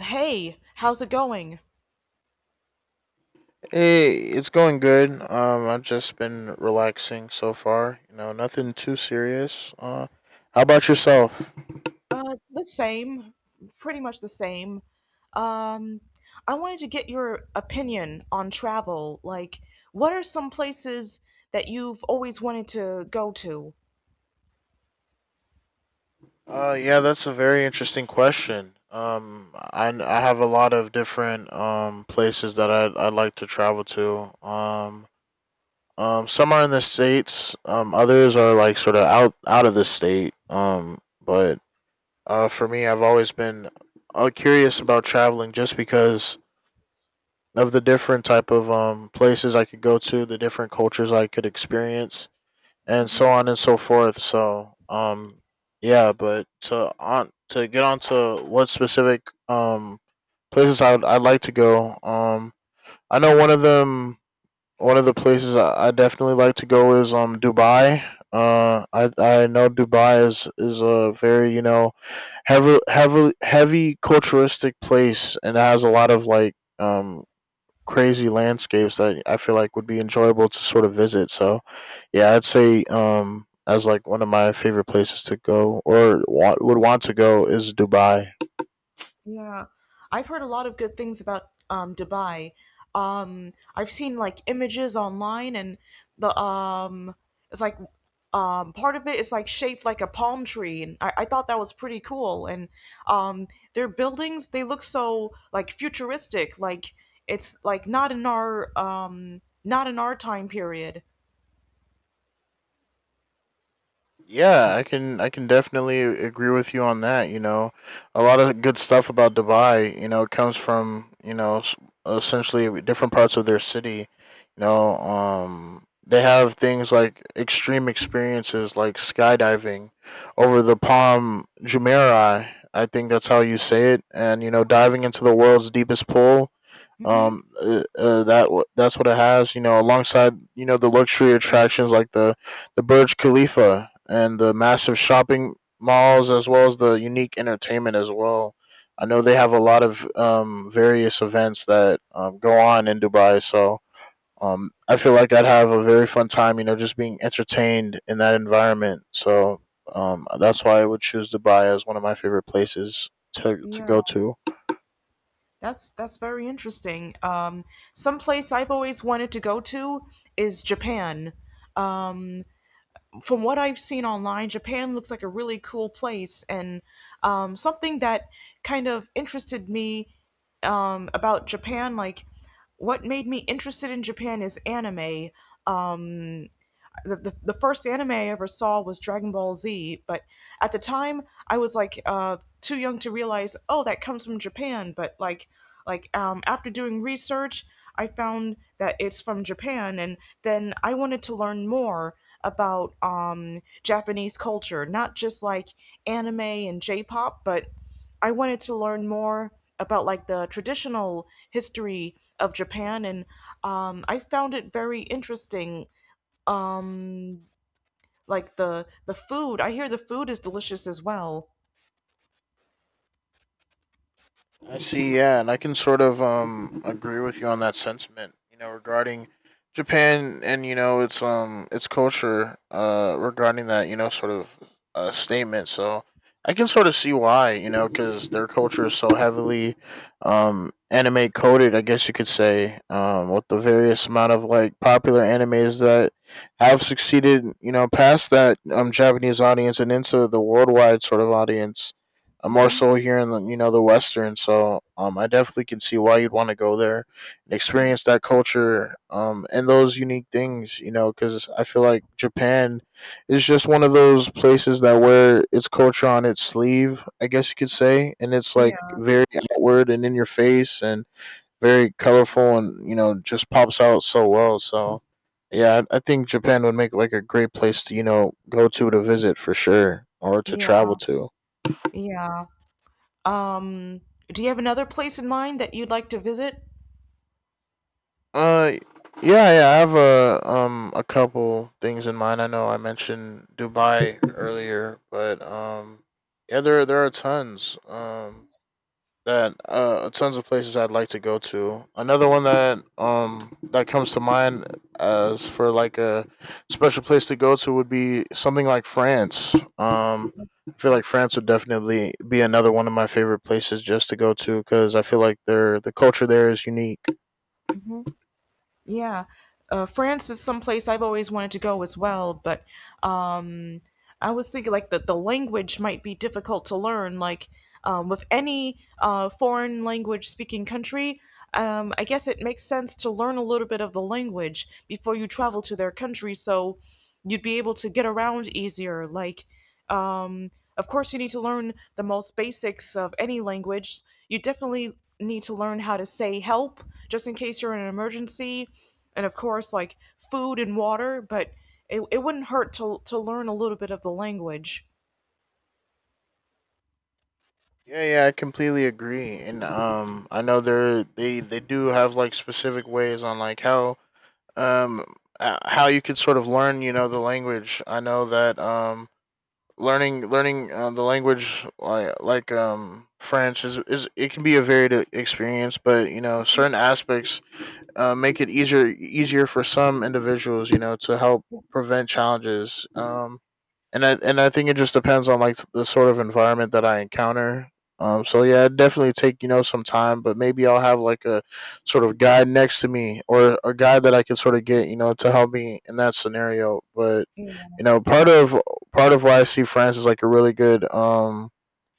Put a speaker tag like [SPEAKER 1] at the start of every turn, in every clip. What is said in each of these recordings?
[SPEAKER 1] Hey, how's it going?
[SPEAKER 2] Hey, it's going good. I've just been relaxing so far. You know, nothing too serious. How about yourself?
[SPEAKER 1] The same, pretty much the same. Um, I wanted to get your opinion on travel. Like, what are some places that you've always wanted to go to?
[SPEAKER 2] Yeah, that's a very interesting question. I have a lot of different places that I like to travel to. Some are in the states. Others are like sort of out of the state. But for me, I've always been curious about traveling just because of the different type of places I could go to, the different cultures I could experience, and so on and so forth. So, yeah, but to on to get on to what specific um, places I'd like to go, I know one of them, one of the places I definitely like to go is Dubai. I know Dubai is a very you know heavy culturistic place and it has a lot of like crazy landscapes that I feel like would be enjoyable to sort of visit. So, yeah, I'd say as like one of my favorite places to go or would want to go is Dubai.
[SPEAKER 1] Yeah, I've heard a lot of good things about Dubai. I've seen like images online, and the it's like part of it is like shaped like a palm tree, and I thought that was pretty cool. And um, their buildings they look so like futuristic, like it's like not in our time period.
[SPEAKER 2] Yeah, I can definitely agree with you on that. You know, a lot of good stuff about Dubai, you know, comes from you know essentially different parts of their city. You know, they have things like extreme experiences like skydiving over the Palm Jumeirah. I think that's how you say it, and you know, diving into the world's deepest pool
[SPEAKER 1] Mm-hmm.
[SPEAKER 2] that's what it has. You know, alongside you know the luxury attractions like the Burj Khalifa and the massive shopping malls, as well as the unique entertainment as well. I know
[SPEAKER 1] Mm-hmm.
[SPEAKER 2] they have a lot of various events that go on in Dubai, so I feel like I'd have a very fun time. You know, just being entertained in that environment. So that's why I would choose Dubai as one of my favorite places to
[SPEAKER 1] Yeah.
[SPEAKER 2] go to.
[SPEAKER 1] That's very interesting. Some place I've always wanted to go to is Japan. Um, from what I've seen online, Japan looks like a really cool place, and something that kind of interested me about Japan, like what made me interested in Japan is anime. Um, the first anime I ever saw was Dragon Ball Z, but at the time I was like too young to realize, oh, that comes from Japan. But like, after doing research, I found that it's from Japan, and then I wanted to learn more about Japanese culture, not just like anime and J-pop, but I wanted to learn more about like the traditional history of Japan, and I found it very interesting, um, like the food. I hear the food is delicious as well.
[SPEAKER 2] I see, yeah, and I can sort of agree with you on that sentiment, you know, regarding Japan and you know its culture regarding that, you know, sort of statement. So I can sort of see why, you know, cuz their culture is so heavily anime coded, I guess you could say, with the various amount of like popular animes that have succeeded, you know, past that Japanese audience and into the worldwide sort of audience more
[SPEAKER 1] Hmm.
[SPEAKER 2] so here in the you know the Western. So I definitely can see why you'd want to go there and experience that culture and those unique things. You know, because I feel like Japan is just one of those places that wear its culture on its sleeve. I guess you could say, and it's like
[SPEAKER 1] Yeah,
[SPEAKER 2] very outward and in your face and very colorful and you know just pops out so well. So. Yeah, I think Japan would make like a great place to, you know, go to visit for sure or to
[SPEAKER 1] yeah,
[SPEAKER 2] travel to.
[SPEAKER 1] yeah. Um, do you have another place in mind that you'd like to visit?
[SPEAKER 2] Uh, yeah. I have a couple things in mind. I know I mentioned Dubai earlier, but yeah, there are tons that tons of places I'd like to go to. Another one that that comes to mind as for like a special place to go to would be something like France. I feel like France would definitely be another one of my favorite places just to go to because I feel like their the culture there is unique.
[SPEAKER 1] Hmm. Yeah. France is some place I've always wanted to go as well, but um, I was thinking like the language might be difficult to learn. Like, with any foreign language speaking country, I guess it makes sense to learn a little bit of the language before you travel to their country, so you'd be able to get around easier. Like, um, of course, you need to learn the most basics of any language. You definitely need to learn how to say help just in case you're in an emergency, and of course, like food and water, but it wouldn't hurt to learn a little bit of the language.
[SPEAKER 2] Yeah, yeah, I completely agree. And I know they're they do have like specific ways on like um how you could sort of learn, you know, the language. I know that learning the language like French is it can be a varied experience, but you know, certain aspects make it easier for some individuals, you know, to help prevent challenges. And I think it just depends on like the sort of environment that I encounter. So yeah, it'd definitely take you know some time, but maybe I'll have like a sort of guide next to me or a guide that I can sort of get you know to help me in that scenario. But
[SPEAKER 1] Yeah.
[SPEAKER 2] you know, part of why I see France is like a really good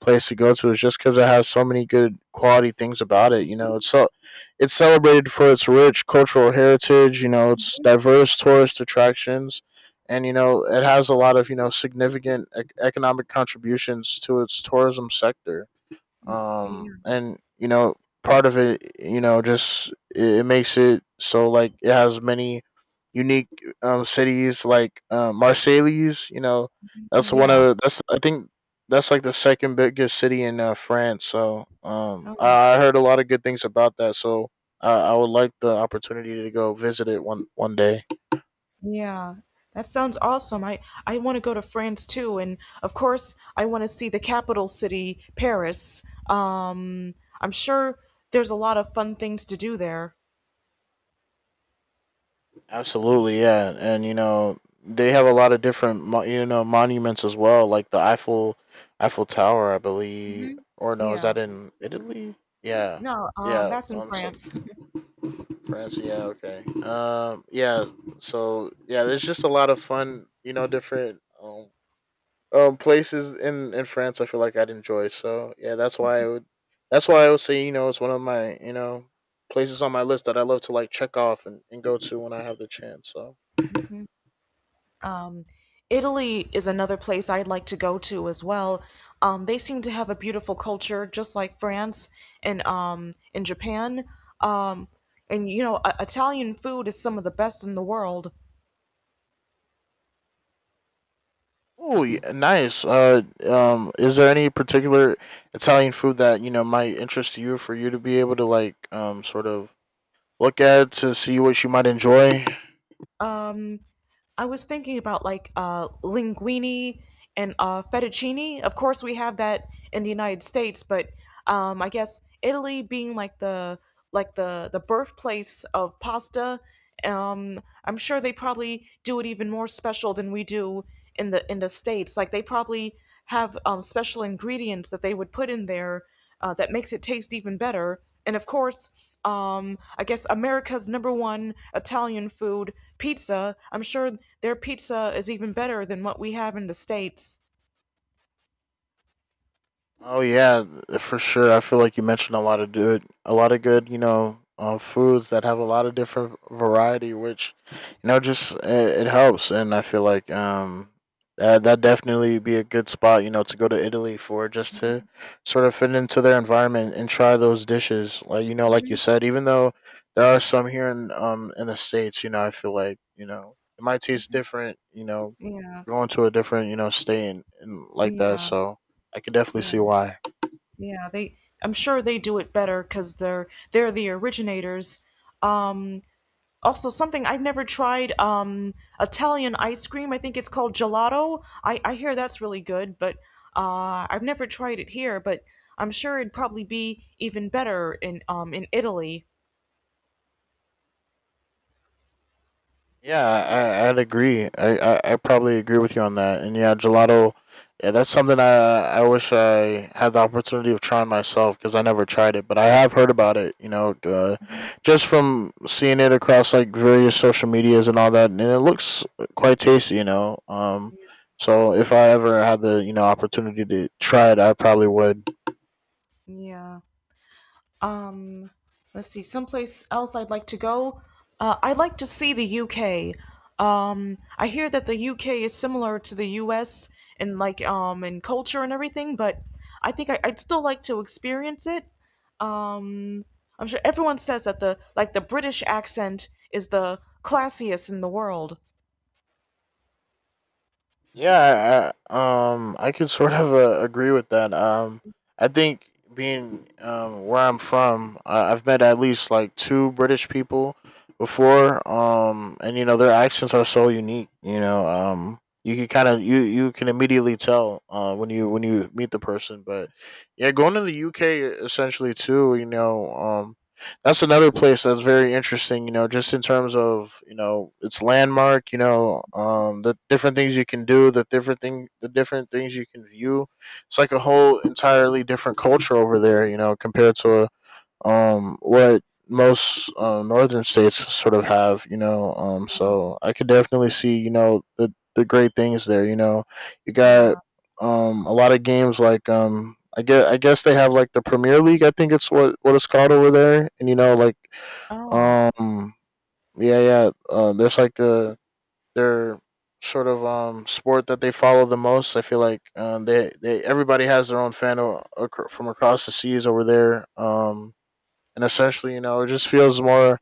[SPEAKER 2] place to go to is just because it has so many good quality things about it. You know, it's so it's celebrated for its rich cultural heritage. You know, its diverse tourist attractions and you know it has a lot of you know significant economic contributions to its tourism sector.
[SPEAKER 1] Yeah.
[SPEAKER 2] And you know part of it, you know, just it makes it so like it has many unique cities like Marseilles. You know, that's one
[SPEAKER 1] Yeah.
[SPEAKER 2] of the, that's I think that's like the second biggest city in France. So
[SPEAKER 1] Oh,
[SPEAKER 2] I heard a lot of good things about that. So I would like the opportunity to go visit it one day.
[SPEAKER 1] yeah. That sounds awesome. I want to go to France too. And of course, I want to see the capital city, Paris. Um, I'm sure there's a lot of fun things to do there.
[SPEAKER 2] Absolutely, yeah, and you know they have a lot of different you know monuments as well, like the Eiffel Tower, I believe,
[SPEAKER 1] Hmm.
[SPEAKER 2] or no, is
[SPEAKER 1] Yeah.
[SPEAKER 2] that in Italy? Yeah,
[SPEAKER 1] No,
[SPEAKER 2] yeah.
[SPEAKER 1] that's in
[SPEAKER 2] So
[SPEAKER 1] France.
[SPEAKER 2] France, yeah, okay. Yeah. So yeah, there's just a lot of fun, you know, different places in France. I feel like I'd enjoy. So yeah, that's why I would. That's why I would say you know it's one of my you know places on my list that I love to like check off and go to when I have the chance. So.
[SPEAKER 1] Um, Italy is another place I'd like to go to as well. They seem to have a beautiful culture, just like France and, in Japan. Um, and Italian food is some of the best in the world.
[SPEAKER 2] Oh, yeah, nice. Is there any particular Italian food that you know might interest you for you to be able to like sort of look at to see what you might enjoy.
[SPEAKER 1] I was thinking about like linguine and fettuccine. Of course, we have that in the United States, but I guess Italy being the birthplace of pasta. I'm sure they probably do it even more special than we do in the states. Like they probably have, special ingredients that they would put in there that makes it taste even better. And of course, I guess America's number one Italian food, pizza. I'm sure their pizza is even better than what we have in the States.
[SPEAKER 2] Oh yeah, for sure. I feel like you mentioned a lot of good, a lot of good, you know, foods that have a lot of different variety, which, you know, just it helps. And I feel like that that definitely be a good spot, you know, to go to Italy for just to sort of fit into their environment and try those dishes. Like you know, like you
[SPEAKER 1] Hmm.
[SPEAKER 2] said, even though there are some here in the states, you know, I feel like you know it might taste different, you know,
[SPEAKER 1] Yeah,
[SPEAKER 2] going to a different you know state and like that.
[SPEAKER 1] yeah,
[SPEAKER 2] So I could definitely see
[SPEAKER 1] yeah.
[SPEAKER 2] why.
[SPEAKER 1] Yeah, they. I'm sure they do it better because they're the originators. Um, Also, something I've never tried, Italian ice cream. I think it's called gelato. I hear that's really good, but I've never tried it here. But I'm sure it'd probably be even better in Italy.
[SPEAKER 2] Yeah, I'd agree. I probably agree with you on that. And yeah, gelato, yeah, that's something I wish I had the opportunity of trying myself because I never tried it. But I have heard about it, you know, just from seeing it across like various social medias and all that. And it looks quite tasty, you know. So if I ever had the, you know, opportunity to try it, I probably would.
[SPEAKER 1] Yeah. Um, let's see. Someplace else I'd like to go. I'd like to see the UK. I hear that the UK is similar to the US in culture and everything, but I think I'd still like to experience it. um I'm sure everyone says that the British accent is the classiest in the world.
[SPEAKER 2] Yeah, I could sort of agree with that. I think being where I'm from, I've met at least like two British people before. And you know their accents are so unique. You know, you can kind of you can immediately tell when you meet the person. But yeah, going to the UK essentially too. You know, that's another place that's very interesting. You know, just in terms of you know its landmark. You know, the different things you can do, the different things you can view. It's like a whole entirely different culture over there. You know, compared to what most northern states sort of have, you know. So I could definitely see you know the great things there. You know, you got
[SPEAKER 1] Yeah.
[SPEAKER 2] a lot of games like I guess they have like the Premier League, I think it's what it's called over there, and you know like
[SPEAKER 1] Oh
[SPEAKER 2] um yeah there's like a their sort of sport that they follow the most, I feel like. They everybody has their own fan from across the seas over there. And essentially, you know it just feels more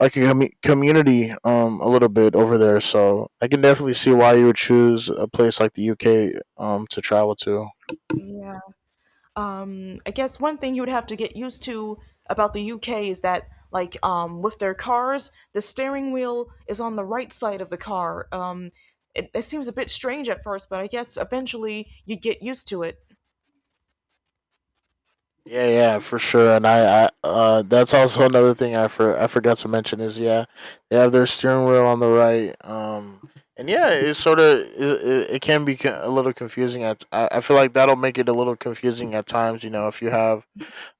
[SPEAKER 2] like a community a little bit over there. So I can definitely see why you would choose a place like the UK to travel to.
[SPEAKER 1] yeah. I guess one thing you would have to get used to about the UK is that with their cars the steering wheel is on the right side of the car. It seems a bit strange at first, but I guess eventually you get used to it.
[SPEAKER 2] Yeah, yeah, for sure. And I that's also another thing I forgot to mention is yeah, they have their steering wheel on the right. And yeah, it's sort of it can be a little confusing at I feel like that'll make it a little confusing at times, you know, if you have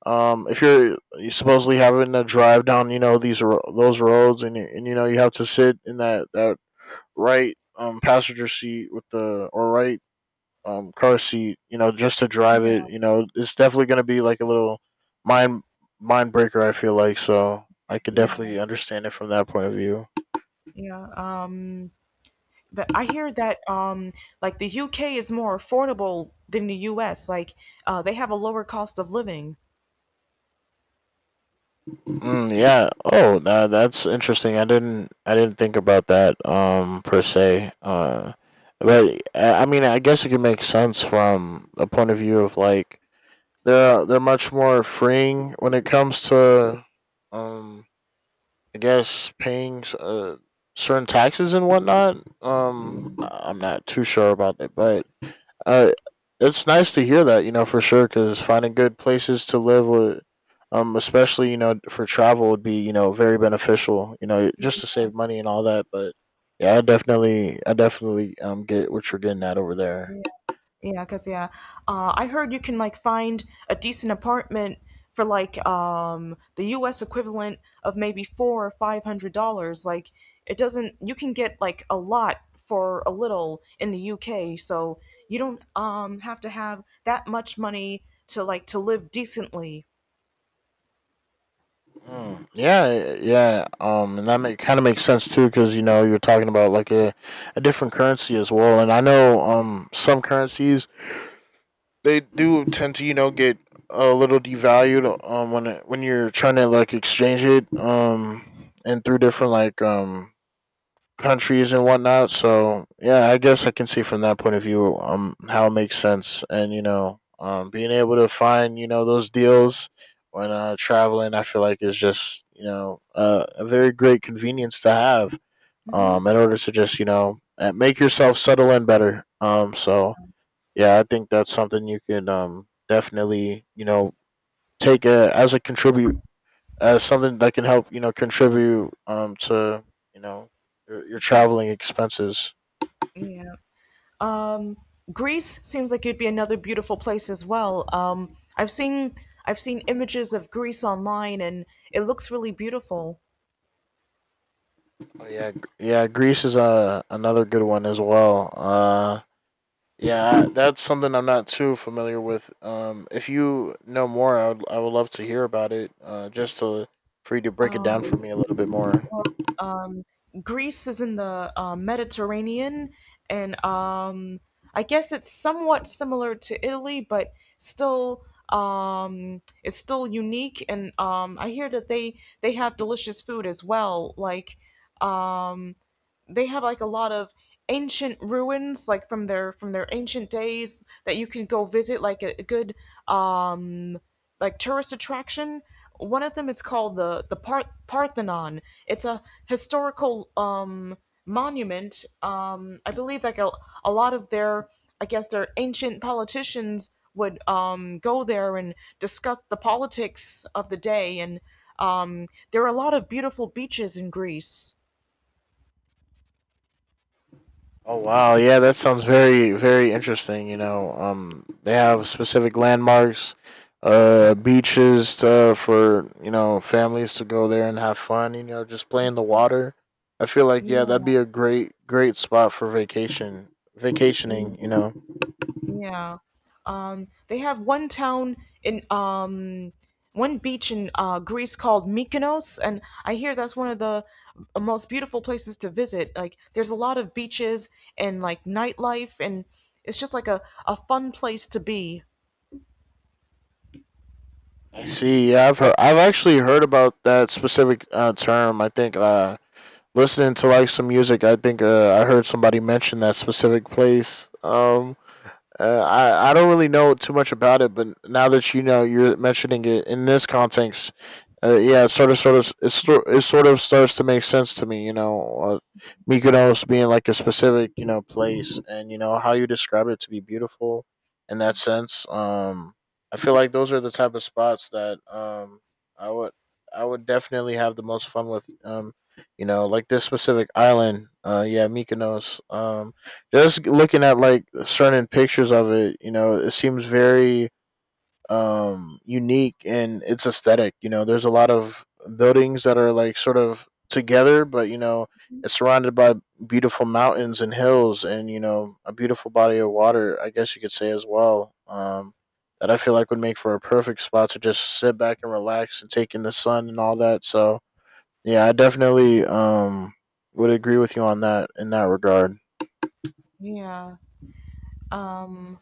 [SPEAKER 2] If you're supposedly having to drive down, you know, these those roads, and you know you have to sit in that right passenger seat with the, or right car seat, you know, just to drive
[SPEAKER 1] Yeah,
[SPEAKER 2] it. You know, it's definitely gonna be like a little mind mind breaker, I feel like. So I could
[SPEAKER 1] yeah,
[SPEAKER 2] definitely understand it from that point of view.
[SPEAKER 1] yeah. But I hear that like the UK is more affordable than the US. Like they have a lower cost of living.
[SPEAKER 2] Mm, yeah. Oh, that that's interesting. I didn't think about that per se. But I mean, I guess it could make sense from a point of view of like, they're much more freeing when it comes to, um I guess paying certain taxes and whatnot.
[SPEAKER 1] Mm.
[SPEAKER 2] I- I'm not too sure about it, but uh, it's nice to hear that, you know, for sure, because finding good places to live would, especially, you know, for travel would be, you know, very beneficial, you know, just to save money and all that. But yeah, I definitely, get what you're getting at over there.
[SPEAKER 1] Yeah, yeah, because yeah, I heard you can like find a decent apartment for like the U.S. equivalent of maybe four or five hundred dollars. Like it doesn't, you can get like a lot for a little in the U.K. So you don't have to have that much money to live decently.
[SPEAKER 2] Mm, yeah, yeah. And that kind of makes sense too, because you know you're talking about like a different currency as well. And I know some currencies, they do tend to, you know, get a little devalued when when you're trying to like exchange it and through different like countries and whatnot. So yeah, I guess I can see from that point of view how it makes sense. And you know, being able to find, you know, those deals when traveling, I feel like is just, you know, a very great convenience to have
[SPEAKER 1] Mm-hmm.
[SPEAKER 2] in order to just, you know, make yourself settle in better, so yeah, I think that's something you can definitely, you know, as a contribute as something that can help, you know, contribute to, you know, your traveling expenses.
[SPEAKER 1] Yeah. Um, Greece seems like it'd be another beautiful place as well. I've seen I've seen images of Greece online, and it looks really beautiful.
[SPEAKER 2] Yeah, Greece is another good one as well. Yeah, that's something I'm not too familiar with. If you know more, I would love to hear about it, just to, for you to break it down for
[SPEAKER 1] Um,
[SPEAKER 2] me a little bit more.
[SPEAKER 1] well, um, Greece is in the Mediterranean, and I guess it's somewhat similar to Italy, but still it's still unique. And I hear that they have delicious food as well. Like um they have like a lot of ancient ruins like from their ancient days that you can go visit, like a good, um like tourist attraction. One of them is called the Parthenon. It's a historical monument, I believe, like a lot of their I guess their ancient politicians would go there and discuss the politics of the day. And there are a lot of beautiful beaches in Greece.
[SPEAKER 2] Oh wow, yeah, that sounds very very interesting. You know, they have specific landmarks, beaches, for, you know, families to go there and have fun, you know, just play in the water. I feel like, yeah, that'd
[SPEAKER 1] Yeah,
[SPEAKER 2] be a great great spot for
[SPEAKER 1] yeah.
[SPEAKER 2] vacationing, you know.
[SPEAKER 1] Yeah. They have one town in, one beach in Greece called Mykonos, and I hear that's one of the most beautiful places to visit. Like, there's a lot of beaches and like nightlife, and it's just like a fun place to be.
[SPEAKER 2] I see. I've actually heard about that specific term. I think, listening to like some music, I think, I heard somebody mention that specific place. I don't really know too much about it, but now that, you know, you're mentioning it in this context, yeah, it sort of, it sort of starts to make sense to me. You know, Mykonos being like a specific, you know, place, and you know how you describe it to be beautiful. In that sense, I feel like those are the type of spots that I would I would definitely have the most fun with. You know, like this specific island. Yeah, Mykonos. Just looking at like certain pictures of it, you know, it seems very unique in its aesthetic. You know, there's a lot of buildings that are like sort of together, but you know, it's surrounded by beautiful mountains and hills and, you know, a beautiful body of water, I guess you could say as well. That I feel like would make for a perfect spot to just sit back and relax and take in the sun and all that. So yeah, I definitely would agree with you on that in that regard.
[SPEAKER 1] Yeah. Um,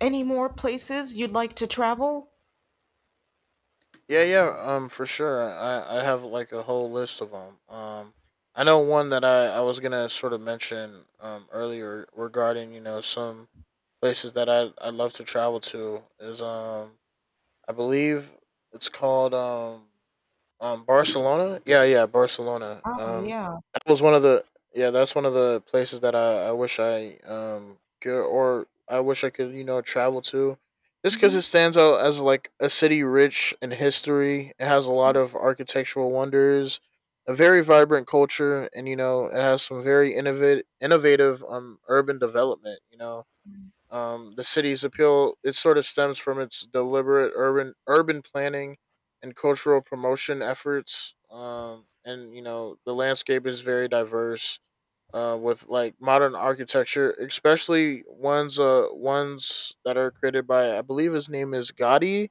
[SPEAKER 1] any more places you'd like to travel?
[SPEAKER 2] Yeah, yeah, for sure. I have like a whole list of them. I know one that I was gonna sort of mention earlier regarding, you know, some places that I love to travel to is, I believe it's called Barcelona. Yeah, yeah, Barcelona.
[SPEAKER 1] Oh, yeah.
[SPEAKER 2] That was one of the Yeah, that's one of the places that I wish I wish I could, you know, travel to, just because
[SPEAKER 1] Mm-hmm.
[SPEAKER 2] it stands out as like a city rich in history. It has a lot of architectural wonders, a very vibrant culture, and you know it has some very innovative urban development. You know, the city's appeal, it sort of stems from its deliberate urban planning and cultural promotion efforts. And you know the landscape is very diverse, with like modern architecture, especially ones that are created by, I believe his name is Gaudi.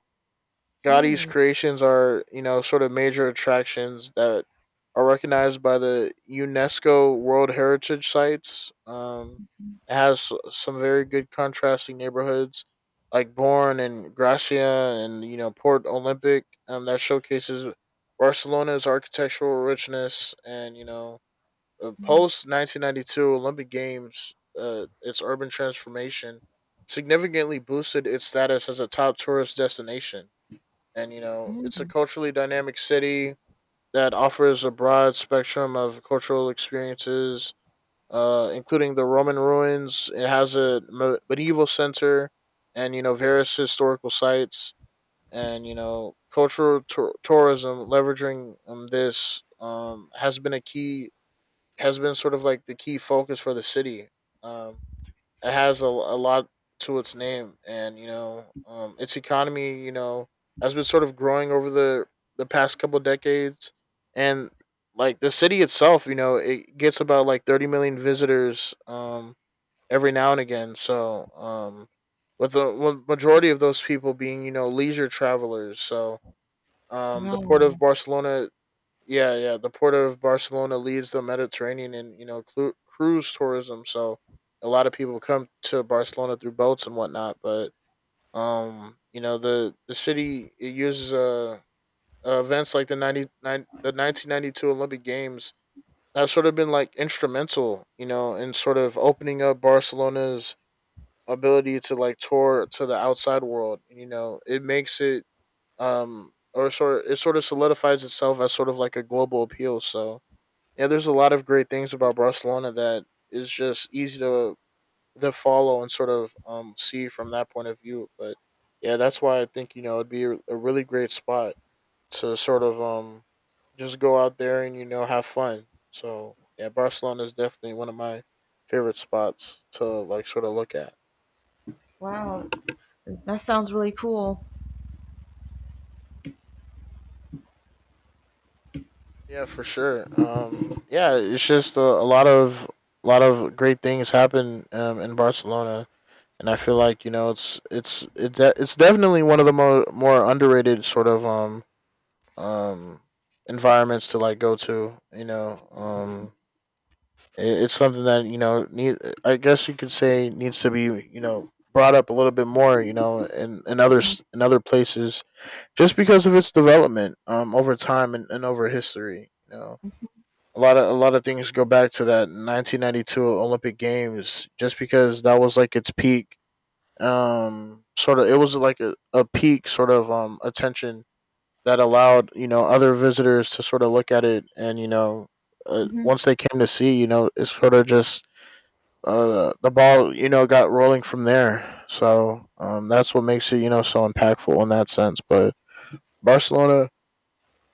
[SPEAKER 2] Gotti's creations are, you know, sort of major attractions that are recognized by the UNESCO World Heritage Sites. It has some very good contrasting neighborhoods like Born and Gracia and, you know, Port Olympic, that showcases Barcelona's architectural richness and, you know, post 1992 Olympic Games, its urban transformation significantly boosted its status as a top tourist destination. And, you know, it's a culturally dynamic city that offers a broad spectrum of cultural experiences, including the Roman ruins. It has a medieval center and, you know, various historical sites and, you know, cultural tour tourism, leveraging, this has been a key, has been sort of like the key focus for the city. Um, it has a lot to its name, and you know, its economy, you know, has been sort of growing over the past couple decades, and like the city itself, you know, it gets about like 30 million visitors every now and again. So with the, with majority of those people being, you know, leisure travelers. So the port of
[SPEAKER 1] Wow.
[SPEAKER 2] Barcelona, yeah, yeah. The port of Barcelona leads the Mediterranean in, you know, cruise tourism, so a lot of people come to Barcelona through boats and whatnot. But you know, the city, it uses events like the 1992 Olympic Games, that's sort of been like instrumental, you know, in sort of opening up Barcelona's ability to like tour to the outside world. And, you know, it makes it or sort it sort of solidifies itself as sort of like a global appeal. So yeah, there's a lot of great things about Barcelona that is just easy to follow and sort of see from that point of view. But yeah, that's why I think, you know, it'd be a really great spot to sort of just go out there and, you know, have fun. So yeah, Barcelona is definitely one of my favorite spots to like sort of look at.
[SPEAKER 1] Wow. That sounds really cool.
[SPEAKER 2] Yeah, for sure. Yeah, it's just a lot of great things happen in Barcelona. And I feel like, you know, it's definitely one of the more underrated sort of um environments to like go to. You know, it's something that, you know, need. I guess you could say needs to be, you know, brought up a little bit more, you know, in other in other places, just because of its development over time, and over history, you know. A lot of things go back to that 1992 Olympic Games, just because that was like its peak, sort of, it was like a peak sort of attention that allowed, you know, other visitors to sort of look at it. And you know, once they came to see, you know, it's sort of just, the ball, you know, got rolling from there. So that's what makes it, you know, so impactful in that sense. But Barcelona,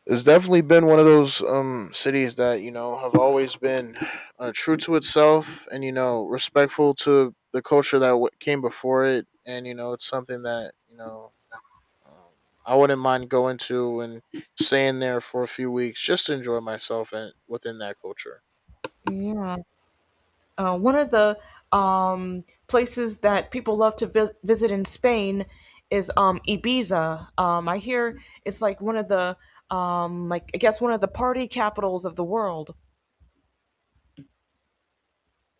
[SPEAKER 2] it's definitely been one of those cities that, you know, have always been, true to itself and, you know, respectful to the culture that came before it. And you know, it's something that, you know, um, I wouldn't mind going to and staying there for a few weeks just to enjoy myself and within that culture.
[SPEAKER 1] Yeah. One of the, places that people love to visit in Spain is, Ibiza. I hear it's like one of the, like I guess one of the party capitals of the world.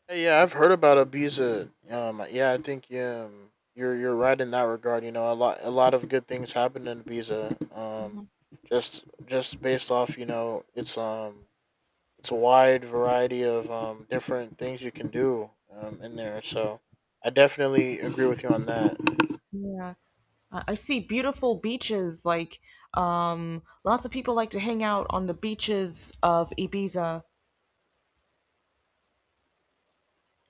[SPEAKER 2] Hey. Yeah, I've heard about Ibiza. Yeah, I think, yeah, you're right in that regard. You know, a lot of good things happen in Ibiza. Just based off, you know, it's, it's a wide variety of different things you can do in there. So I definitely agree with you on that.
[SPEAKER 1] Yeah. I see beautiful beaches. Like, lots of people like to hang out on the beaches of Ibiza.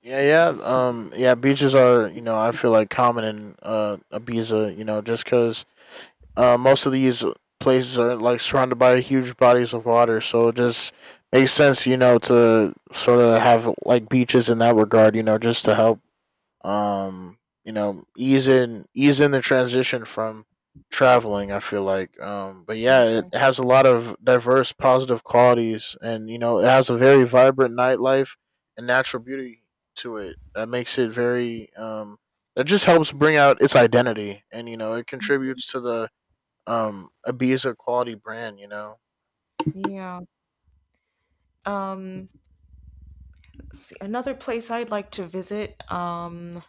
[SPEAKER 2] Yeah, yeah. Yeah, beaches are you know I feel like common in Ibiza. You know, just because most of these places are like surrounded by huge bodies of water, so it just makes sense, you know, to sort of have like beaches in that regard, you know, just to help, um, you know, ease in the transition from traveling. I feel like, but yeah, it has a lot of diverse positive qualities, and you know, it has a very vibrant nightlife and natural beauty to it that makes it very that just helps bring out its identity and you know it contributes to the abuse a Ibiza quality brand you know.
[SPEAKER 1] Yeah. Um, let's see, another place I'd like to visit.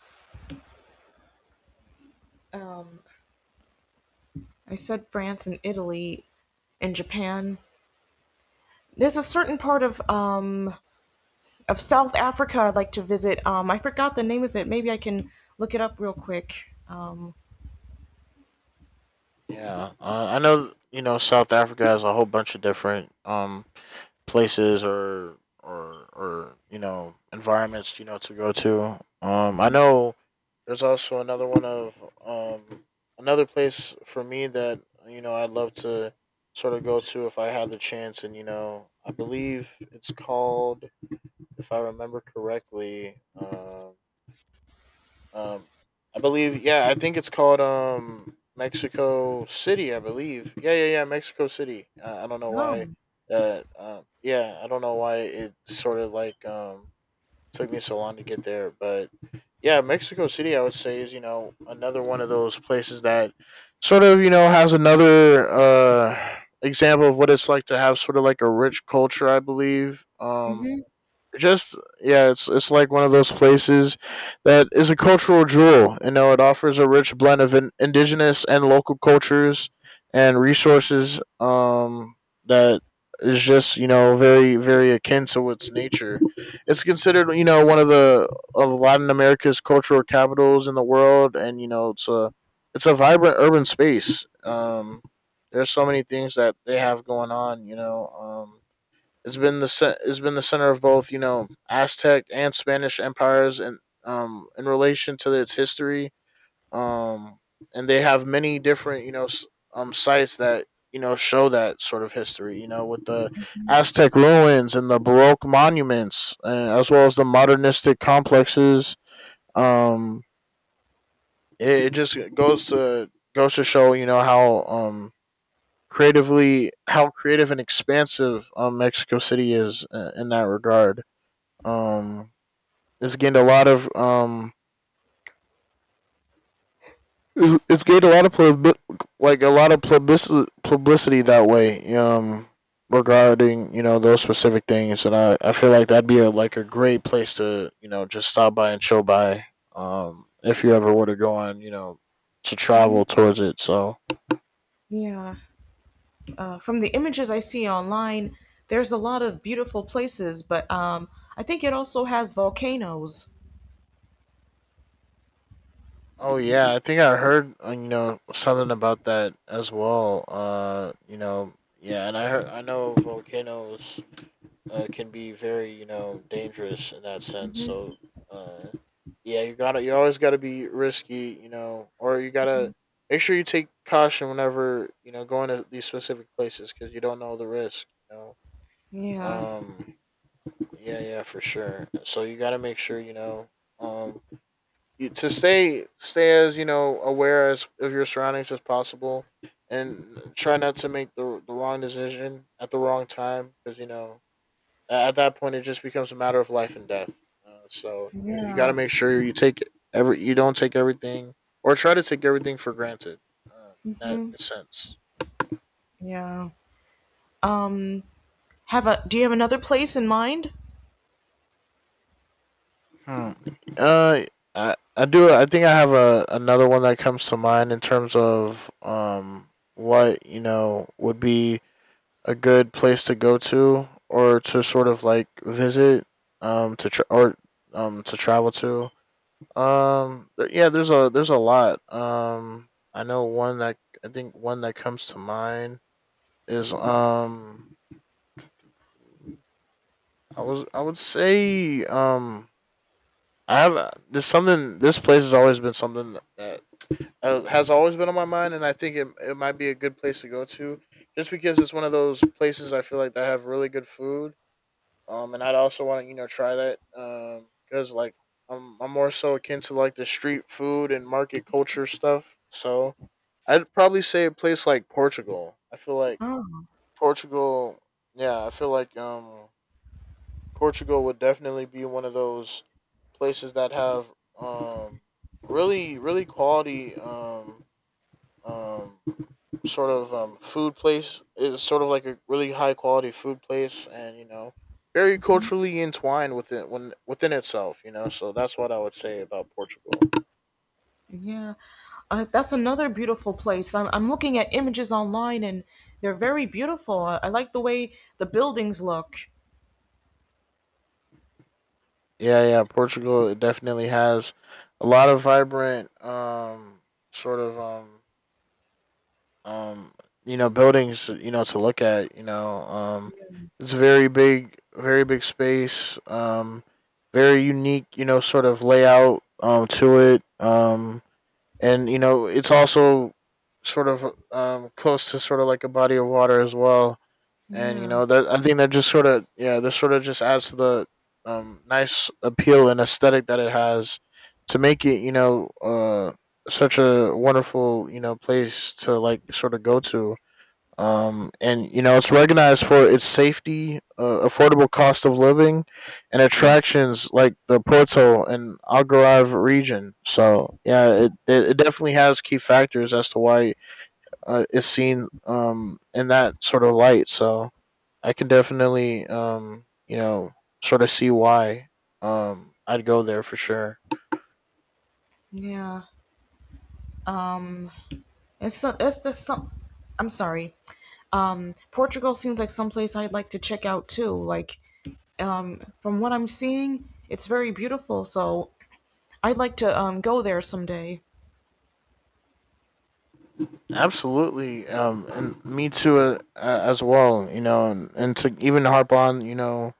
[SPEAKER 1] I said France and Italy and Japan. There's a certain part of South Africa I'd like to visit. I forgot the name of it. Maybe I can look it up real quick.
[SPEAKER 2] Yeah, I know you know South Africa has a whole bunch of different places or you know environments you know to go to. I know there's also another one of, another place for me that you know I'd love to sort of go to if I had the chance, and you know I believe it's called, if I remember correctly, Um, I believe. Yeah, I think it's called Mexico City. I believe. Yeah, yeah, yeah, Mexico City. I don't know
[SPEAKER 1] Oh.
[SPEAKER 2] why. That. Yeah, I don't know why it sort of took me so long to get there, but yeah, Mexico City, I would say, is you know another one of those places that sort of you know has another example of what it's like to have sort of like a rich culture, I believe.
[SPEAKER 1] Mhm.
[SPEAKER 2] Just yeah, it's like one of those places that is a cultural jewel. You know, it offers a rich blend of indigenous and local cultures and resources. That is just you know very akin to its nature. It's considered you know one of the of Latin America's cultural capitals in the world, and you know it's a vibrant urban space. There's so many things that they have going on. You know, um, it's been the it's been the center of both you know Aztec and Spanish empires, and in relation to its history, um and they have many different you know sites that you know show that sort of history. You know, with the Aztec ruins and the Baroque monuments, as well as the modernistic complexes. Um, it just goes to show you know how creatively how creative and expansive Mexico City is, in that regard. Um, it's gained a lot of um, it's gained a lot of like a lot of publicity that way. Regarding you know those specific things, and I feel like that'd be a like a great place to you know just stop by and chill by. If you ever were to go on, you know, to travel towards it, so.
[SPEAKER 1] Yeah. From the images I see online, there's a lot of beautiful places, but I think it also has volcanoes.
[SPEAKER 2] Oh yeah, I think I heard, you know, something about that as well. You know, yeah, and I know volcanoes, can be very you know dangerous in that sense.
[SPEAKER 1] Hmm.
[SPEAKER 2] So, uh, yeah, you always gotta be risky, you know, or you gotta make sure you take caution whenever you know going to these specific places because you don't know the risk. You know,
[SPEAKER 1] Yeah,
[SPEAKER 2] um, yeah, yeah, for sure. So you gotta make sure you know um to stay as you know aware as of your surroundings as possible, and try not to make the wrong decision at the wrong time, because you know at that point it just becomes a matter of life and death. So you got to
[SPEAKER 1] yeah.
[SPEAKER 2] make sure you take every you don't take everything or try to take everything for granted, Uh, in that
[SPEAKER 1] Hmm.
[SPEAKER 2] sense.
[SPEAKER 1] Yeah. Um, have a. Do you have another place in mind?
[SPEAKER 2] Hmm. Uh, I do. I think I have a another one that comes to mind in terms of what you know would be a good place to go to or to sort of like visit, um to tra- or to travel to. Yeah, there's a lot. I know one that, I think one that comes to mind is, I would say, I have this something this place has always been something that, has always been on my mind, and I think it might be a good place to go to just because it's one of those places I feel like that have really good food. And I'd also want to you know try that. Because like I'm more so akin to like the street food and market culture stuff. So I'd probably say a place like Portugal. I feel like Portugal. Yeah, I feel like Portugal would definitely be one of those places that have um really quality, um food place. It's sort of like a really high quality food place, and you know, very culturally entwined within when within itself. You know, so that's what I would say about Portugal.
[SPEAKER 1] Yeah, that's another beautiful place. I'm looking at images online and they're very beautiful. I like the way the buildings look.
[SPEAKER 2] Yeah, yeah, Portugal, it definitely has a lot of vibrant, sort of, um, you know, buildings. You know, to look at. You know, it's very big space. Very unique. You know, sort of layout. To it. And you know it's also sort of, close to sort of like a body of water as well, and you
[SPEAKER 1] Yeah,
[SPEAKER 2] know that, I think that just sort of, yeah, this sort of just adds to the, nice appeal and aesthetic that it has to make it you know, such a wonderful you know place to like sort of go to. And you know it's recognized for its safety, affordable cost of living, and attractions like the Porto and Algarve region. So yeah, it definitely has key factors as to why, it's seen, in that sort of light. So I can definitely, you know, sort of see why, I'd go there for sure.
[SPEAKER 1] yeah. It's the some. I'm sorry. Portugal seems like someplace I'd like to check out too. Like, from what I'm seeing, it's very beautiful. So I'd like to go there someday.
[SPEAKER 2] Absolutely, and me too, as well. You know, and to even harp on, you know,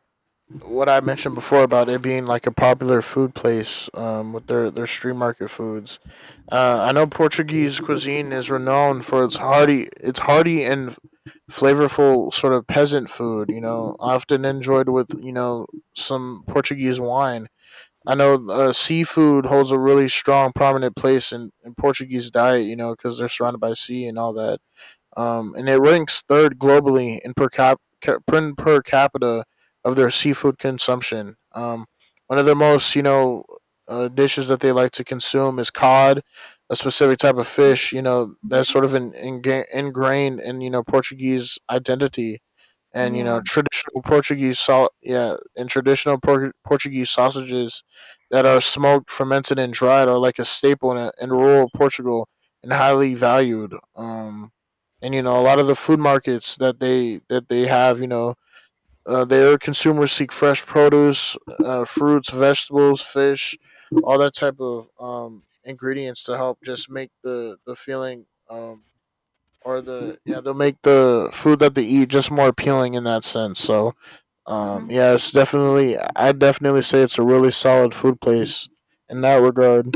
[SPEAKER 2] what I mentioned before about it being like a popular food place, with their street market foods. I know Portuguese cuisine is renowned for its hearty and flavorful sort of peasant food. You know, often enjoyed with you know some Portuguese wine. I know, seafood holds a really strong, prominent place in Portuguese diet, you know, because they're surrounded by sea and all that. And it ranks third globally in per, cap- ca- per, capita of their seafood consumption. One of the most, you know, dishes that they like to consume is cod, a specific type of fish, you know, that's sort of ingrained in, you know, Portuguese identity, and you
[SPEAKER 1] Yeah,
[SPEAKER 2] know traditional Portuguese salt, yeah, and traditional Portuguese sausages that are smoked, fermented, and dried are like a staple in rural Portugal and highly valued. And you know a lot of the food markets that they have, you know, their consumers seek fresh produce, fruits, vegetables, fish, all that type of, ingredients to help just make the feeling. Or the yeah, they'll make the food that they eat just more appealing in that sense. So yeah, it's definitely I definitely say it's a really solid food place in that regard.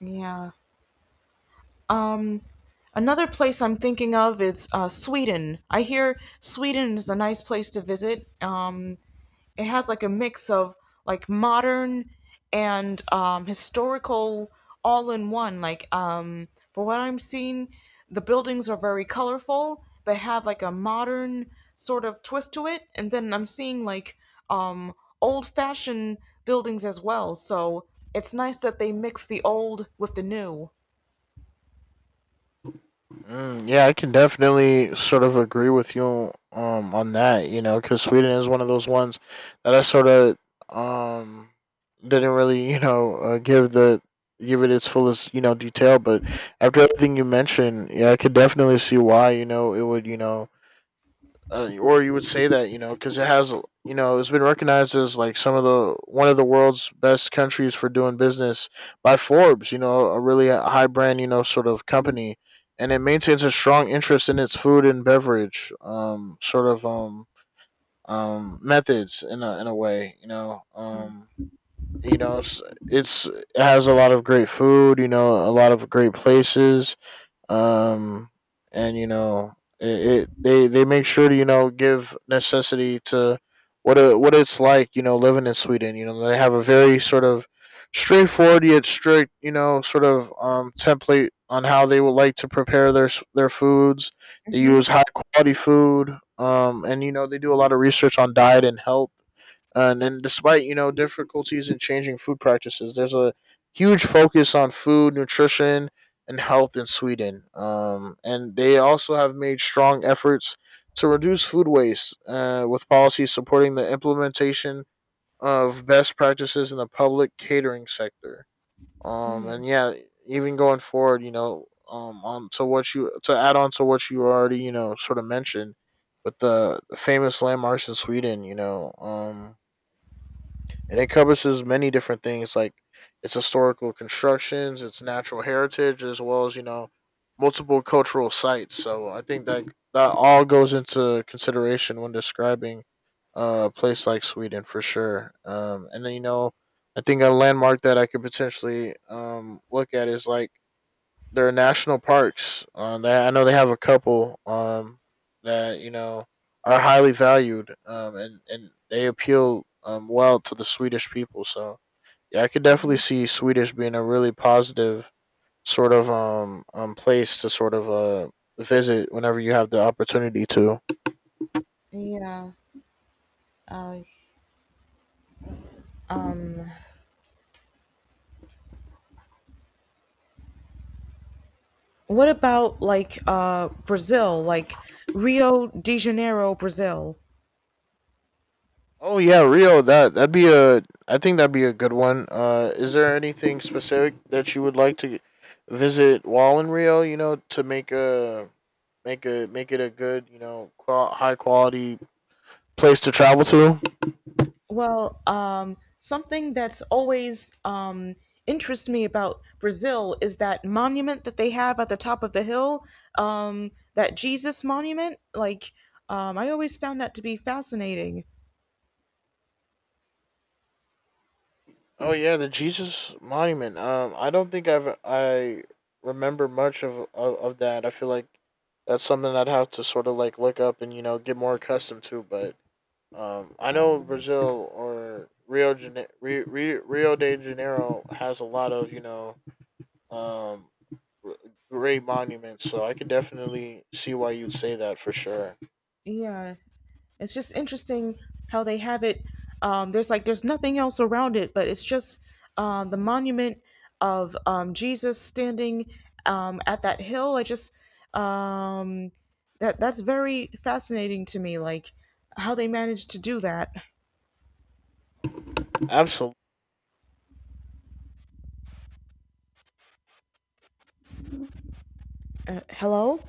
[SPEAKER 1] yeah. Um, Another place I'm thinking of is Sweden. I hear Sweden is a nice place to visit. It has like a mix of like modern and, historical all in one. Like, for what I'm seeing, the buildings are very colorful, but have like a modern sort of twist to it. And then I'm seeing like, um, old fashioned buildings as well. So it's nice that they mix the old with the new.
[SPEAKER 2] Mm, yeah, I can definitely sort of agree with you on that, you know, cuz Sweden is one of those ones that I sort of, um didn't really, you know, give the give it its fullest, you know, detail, but after everything you mentioned, yeah, I could definitely see why, you know, it would, you know, or you would say that, you know, because it has, you know, it's been recognized as some of the one of the world's best countries for doing business by Forbes. You know, a really high brand you know sort of company, and it maintains a strong interest in its food and beverage, um, methods in a way. You know, you know it's it has a lot of great food. You know, a lot of great places, um, and you know it they make sure to you know give necessity to what it's like you know living in Sweden. You know, they have a very sort of straightforward yet strict you know sort of, template on how they would like to prepare their foods. They use high quality food, and you know they do a lot of research on diet and health, and then despite you know difficulties in changing food practices, there's a huge focus on food nutrition and health in Sweden. And they also have made strong efforts to reduce food waste with policies supporting the implementation of best practices in the public catering sector. Um, and yeah, Even going forward, on to what you to add on to what you already mentioned with the famous landmarks in Sweden, and it encompasses many different things like its historical constructions, its natural heritage, as well as multiple cultural sites. So I think that all goes into consideration when describing a place like Sweden for sure. And then you know, I think a landmark that I could potentially look at is like their national parks. I know they have a couple that are highly valued, and they appeal well to the Swedish people. So yeah, I could definitely see Swedish being a really positive sort of place to sort of visit whenever you have the opportunity to.
[SPEAKER 1] Yeah. Uh, What about like Brazil, like Rio de Janeiro, Brazil?
[SPEAKER 2] Oh yeah, Rio. That that'd be a. I think that'd be a good one. Is there anything specific that you would like to visit while in Rio? To make it a good, high quality place to travel to.
[SPEAKER 1] Well, something that's always, interests me about Brazil is that monument that they have at the top of the hill, that Jesus monument. Like I always found that to be fascinating.
[SPEAKER 2] Oh yeah, the Jesus monument. I don't think I remember much of that. I feel like that's something I'd have to sort of like look up and get more accustomed to. But I know Brazil or Rio de Janeiro has a lot of um r- great monuments, so I could definitely see why you'd say that for sure.
[SPEAKER 1] Yeah, it's just interesting how they have it. There's nothing else around it, but it's just, the monument of, Jesus standing, at that hill. I just, um, that's very fascinating to me, like how they managed to do that.
[SPEAKER 2] Absolutely.
[SPEAKER 1] Hello.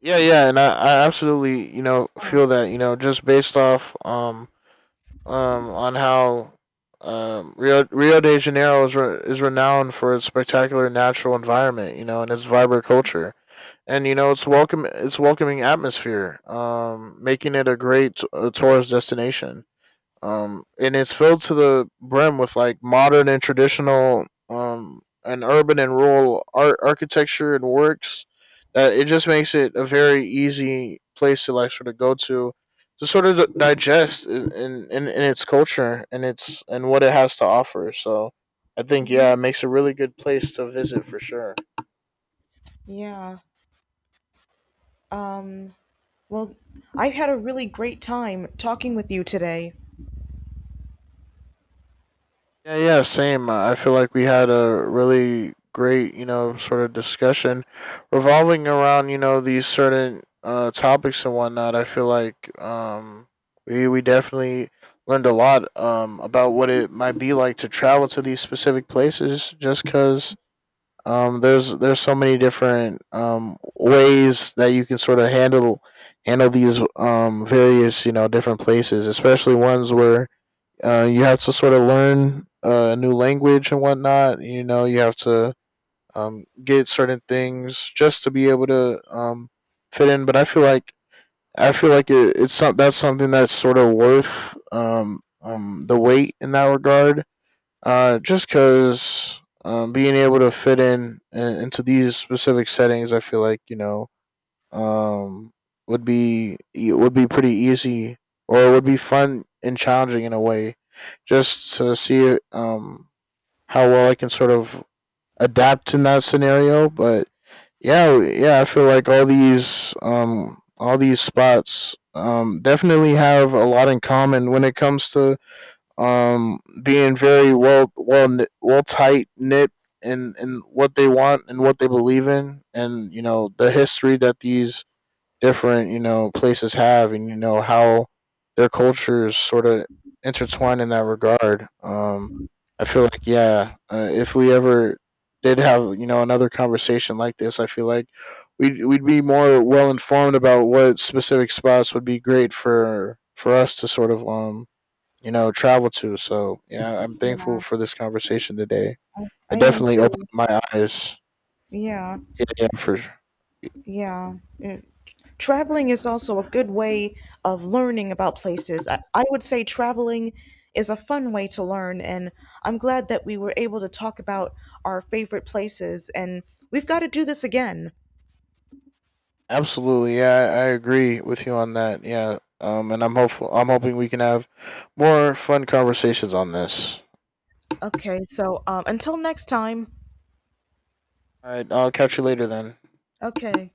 [SPEAKER 2] Yeah, yeah, and I absolutely, feel that, just based off um, on how Rio de Janeiro is renowned for its spectacular natural environment, and its vibrant culture, and its welcome its welcoming atmosphere, making it a great a tourist destination and it's filled to the brim with like modern and traditional, and urban and rural art architecture and works. That it just makes it a very easy place to like sort of go to sort of digest in its culture and its and what it has to offer. So I think
[SPEAKER 1] Hmm.
[SPEAKER 2] yeah, it makes a really good place to visit for sure.
[SPEAKER 1] Yeah. Um, well, I had a really great time talking with you today.
[SPEAKER 2] Yeah, yeah, same. I feel like we had a really great, sort of discussion revolving around, these certain topics and whatnot. I feel like um, we definitely learned a lot about what it might be like to travel to these specific places. Just because there's so many different ways that you can sort of handle these various, different places, especially ones where you have to sort of learn a new language and whatnot. You know, you have to get certain things just to be able to fit in. But I feel like that's something that's sort of worth the wait in that regard. Just because being able to fit in, into these specific settings, I feel like um would be it would be pretty easy or it would be fun and challenging in a way just to see how well I can sort of adapt in that scenario but yeah, yeah, I feel like all these spots definitely have a lot in common when it comes to being very well tight knit in what they want and what they believe in, and the history that these different places have, and how their cultures sort of intertwine in that regard. I feel like yeah, if we ever did have another conversation like this, I feel like we'd be more well informed about what specific spots would be great for us to sort of travel to. So yeah, I'm thankful for this conversation today.
[SPEAKER 1] I
[SPEAKER 2] It
[SPEAKER 1] am
[SPEAKER 2] definitely opened
[SPEAKER 1] too.
[SPEAKER 2] my eyes.
[SPEAKER 1] Yeah.
[SPEAKER 2] Yeah, yeah, for sure.
[SPEAKER 1] Yeah. Yeah. Traveling is also a good way of learning about places. I would say traveling is a fun way to learn, and I'm glad that we were able to talk about our favorite places, and we've got to do this again.
[SPEAKER 2] Absolutely, yeah, I agree with you on that. Yeah, and I'm hopeful. I'm hoping we can have more fun conversations on this.
[SPEAKER 1] Okay, so until next time.
[SPEAKER 2] All right, I'll catch you later then.
[SPEAKER 1] Okay.